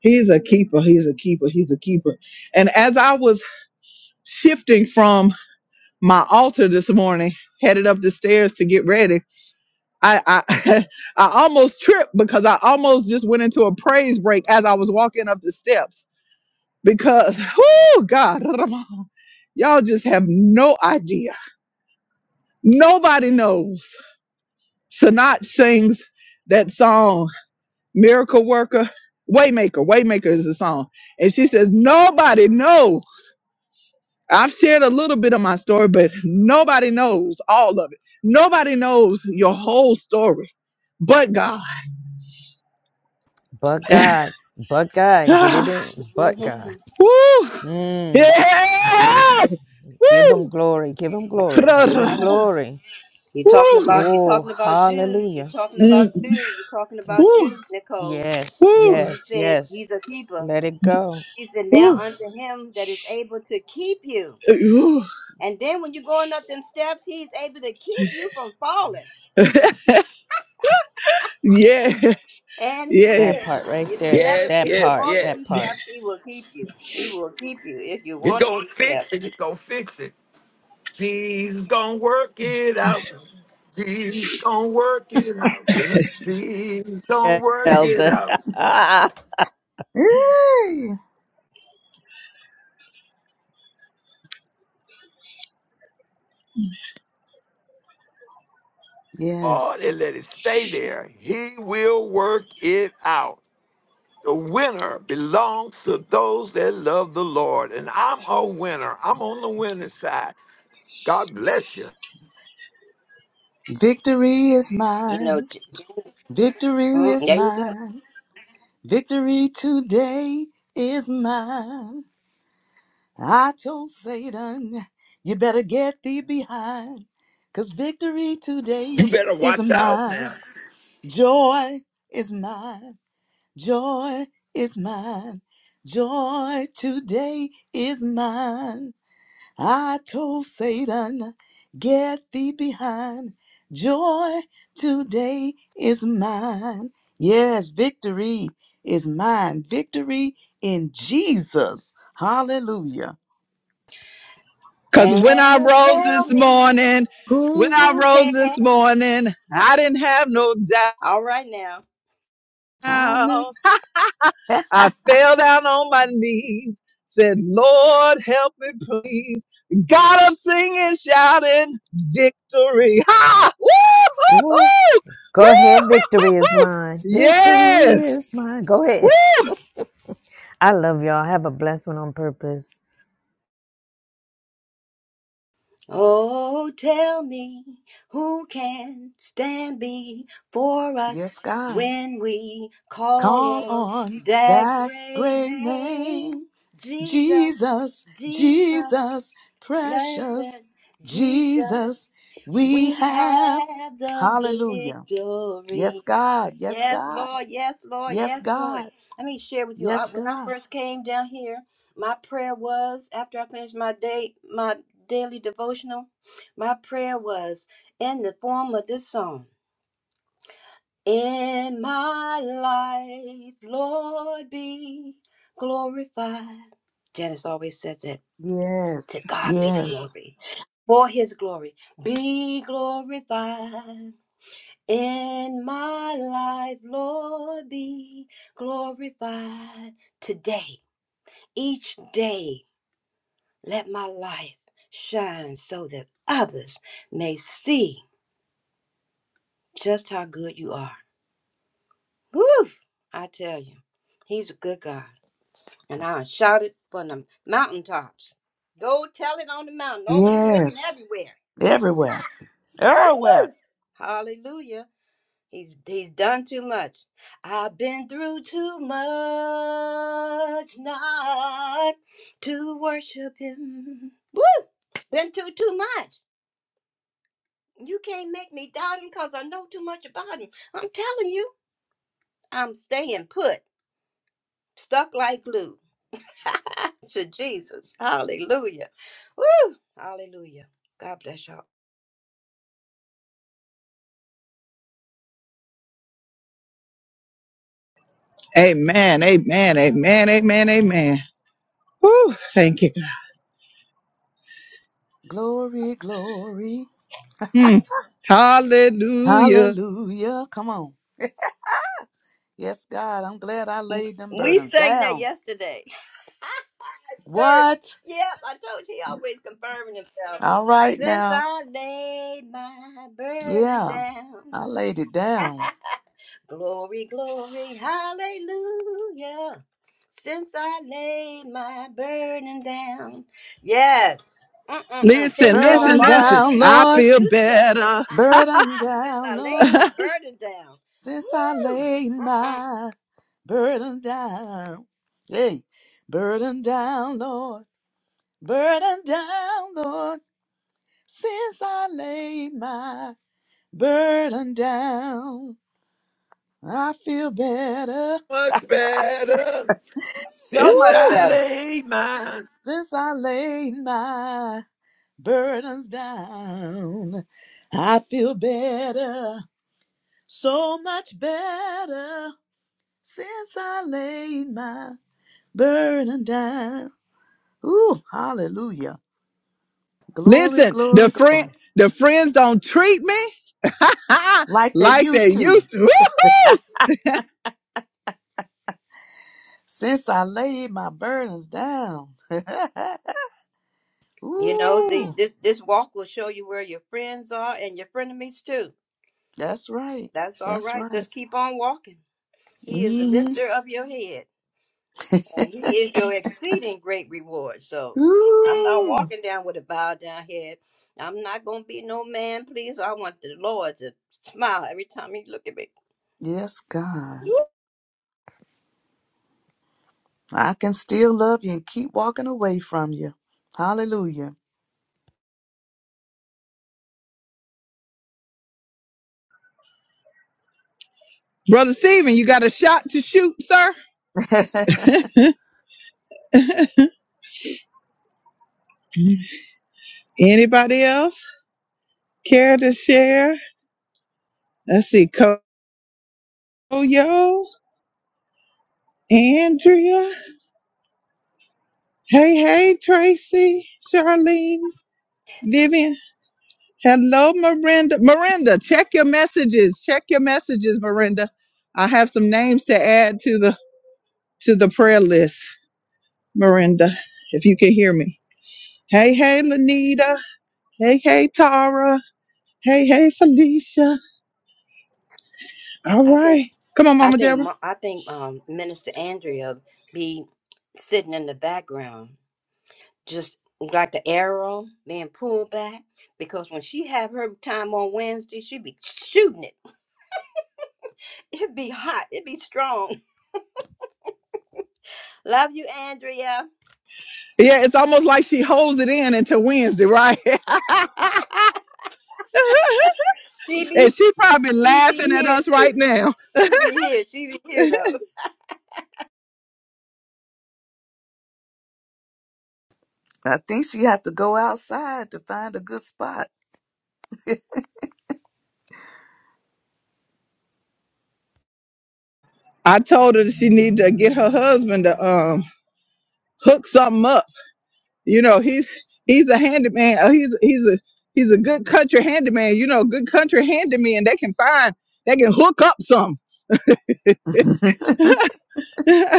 He's a keeper. He's a keeper. He's a keeper. And as I was shifting from my altar this morning, headed up the stairs to get ready, I I, I almost tripped because I almost just went into a praise break as I was walking up the steps because, oh God, y'all just have no idea. Nobody knows. Sanat sings that song, Miracle Worker, Waymaker. Waymaker is the song, and she says nobody knows I've shared a little bit of my story, but nobody knows all of it. Nobody knows your whole story but God.
But
Woo!
God, but God, get it in. But God.
Mhm.
Mm,
Yeah!
give him
Woo!
glory. Give him glory. Give him
Ra-ra-ra.
glory.
You're talking
Woo!
about you're
Oh,
talking about Jude. You're
hallelujah.
talking
Mm.
about Jude. You're talking about
Woo!
Jude, Nicole.
Yes,
Woo!
when you
yes,
said
yes.
he's a keeper.
Let it go.
He said, Now
Woo!
unto him that is able to keep you.
Woo!
And then when you're going up them steps, he's able to keep you from falling.
Yeah!
And he
Yeah!
That
will.
part right
If you
there.
let him,
Yes,
if
That
you
yes,
part.
want to
That
be
yes.
part.
kept, he will keep you. He will keep you if you
He's
want to
gonna
be
fix
kept.
it. He's gonna fix it. Jesus gonna work it out. Jesus gonna work it out. Jesus gonna work it
Elder.
out.
Hey. Yes.
Oh, and let it stay there. He will work it out. The winner belongs to those that love the Lord. And I'm a winner. I'm on the winning side. God bless you.
Victory is
You know,
mine.
j- j-
Victory
mm,
is
there you go.
mine. Victory today is mine. I told Satan, you better get thee behind, because victory today
You better
is
watch out
mine.
now.
Joy is mine. Joy is mine. Joy today is mine. I told Satan, get thee behind. Joy today is mine. Yes, victory is mine. Victory in Jesus. Hallelujah.
Because when I
And
rose
tell
this
me
morning, when
Go,
I
who
rose this
can.
morning, I didn't have no
All right now.
Hallelujah.
doubt. I fell down on my knees, said, Lord, help me, please. Got up singing, shouting, victory. Ha! Woo!
Woo.
Woo!
Go ahead. Victory is mine.
Yes!
Victory is mine. Go ahead.
Woo!
I love y'all. Have a blessed one on purpose.
Oh, tell me who can stand before us
yes, God.
when we call
Call
on
on
that
that
great
great name.
name, Jesus,
Jesus,
Jesus,
Jesus, precious
blessed Jesus.
Jesus, we
We
have.
have the
Hallelujah. Yes,
victory.
God. Yes,
Yes,
God.
Lord. Yes, Lord.
Yes,
Yes, Lord.
God.
Let me share with you. I,
Yes,
when I
God.
first came down here, my prayer was after I finished my day, my daily devotional, my prayer was in the form of this song. In my life, Lord, be glorified. Janice always says that to
Yes,
God be the
yes,
glory. For his glory, be glorified in my life, Lord, be glorified today. Each day, let my life shine so that others may see just how good you are. Woo! I tell you, He's a good God. And i shout it from the mountaintops. Go tell it on the mountain, over the hills, and
yes.
everywhere.
Everywhere. Everywhere.
Hallelujah. He's he's done too much. I've been through too much not to worship him. Woo! Been through too much. You can't make me doubt him because I know too much about him. I'm telling you, I'm staying put, stuck like glue. to Jesus. Hallelujah. Woo! Hallelujah. God bless y'all.
Amen, amen, amen, amen, amen. Woo! Thank you.
Glory, glory.
Mm. Hallelujah.
Hallelujah. Come on. Yes, God. I'm glad I laid them
We
burdens
sang that
down.
yesterday. Church.
What?
Yep, I told you he always confirming himself.
All right
Since
now.
I laid my burden
Yeah.
down,
I laid it down.
glory, glory, hallelujah. Since I laid my burden down, yes, Mm-mm-mm.
Listen,
things don't
listen,
Burden
bother
listen.
down,
me
I
like
Lord.
they
feel
used to.
better.
Burden
Since
down,
I laid
Lord.
my burden down,
Since I
woo,
laid
Mm-mm.
my burden down. Hey, burden down, Lord. Burden down, Lord. Since I laid my burden down. I feel better.
Much better
so
since
much
I
Ooh,
better.
laid mine.
since I laid my burdens down. I feel better. So much better since I laid my burden down. Ooh, hallelujah. Glory,
Listen, the
glory,
friend,
glory.
the friends don't treat me
Like they
like they
used to,
used to. Woo-hoo!
since I laid my burdens down.
You know, the,
Ooh,
this this walk will show you where your friends are and your frenemies too.
that's right.
That's all
That's
right.
right.
Just keep on walking. He is the
hmm
lifter of your head, and He is your exceeding great reward. So I'm not
Ooh,
walking down with a bowed down head. I'm not going to be no man, please. I want the Lord to smile every time He look at me.
yes, God. I can still love you and keep walking away from you. Hallelujah.
Brother Stephen, you got a shot to shoot, sir.
I
Anybody else care to share? Let's see, Koyo, Andrea. Hey, hey, Tracy, Charlene, Vivian. Hello, Miranda. Miranda, check your messages. Check your messages, Miranda. I have some names to add to the to the prayer list, Miranda, if you can hear me. Hey, hey, Lanita. Hey, hey, Tara. Hey, hey, Felicia. All
I think
right. Come on,
I
Mama
think
Deborah.
Mo- I think um, Minister Andrea be sitting in the background, just like the arrow being pulled back. Because when she have her time on Wednesday, she be shooting it. It be hot. It be strong. Love you, Andrea.
Yeah, it's almost like she holds it in until Wednesday, right? and
Phoebe.
she probably
She be
laughing at
here
us right
too.
now.
She be here. She be here though.
think she had to go outside to find a good spot.
I told her that she need to get her husband to um hook something up. You know, he's he's a handyman. uh, He's he's a he's a good country handyman. You know, good country handyman. They can find they can hook up some.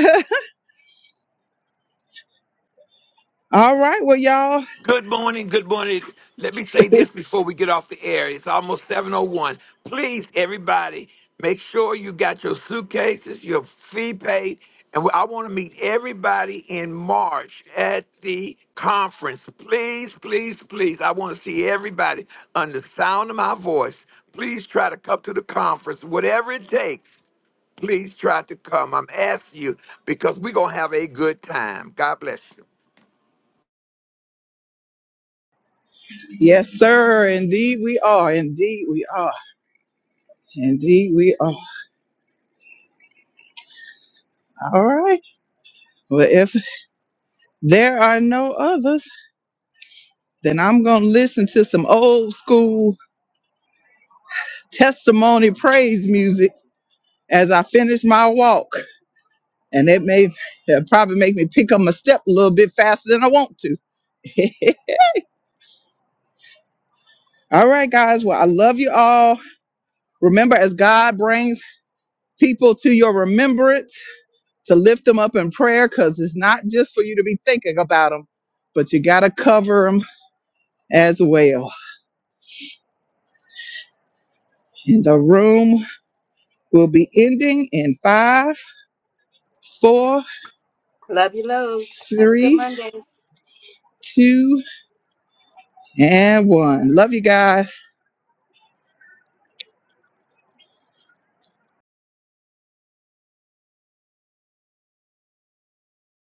All right, well, y'all.
Good morning, good morning. Let me say this before we get off the air. It's almost 701. Please, everybody, make sure you got your suitcases, your fee paid. And I want to meet everybody in March at the conference. Please, please, please. I want to see everybody under the sound of my voice. Please try to come to the conference, whatever it takes. Please try to come. I'm asking you because we're going to have a good time. God bless you.
Yes, sir. Indeed, we are. Indeed, we are. Indeed, we are. All right. Well, if there are no others, then I'm going to listen to some old school testimony praise music as I finish my walk. And it may it'll probably make me pick up my step a little bit faster than I want to. all right, guys. Well, I love you all. Remember, as God brings people to your remembrance, to lift them up in prayer because it's not just for you to be thinking about them, but you got to cover them as well. And the room will be ending in five, four,
Love you loads. Have a good
three,
Monday.
two, and one. Love you guys.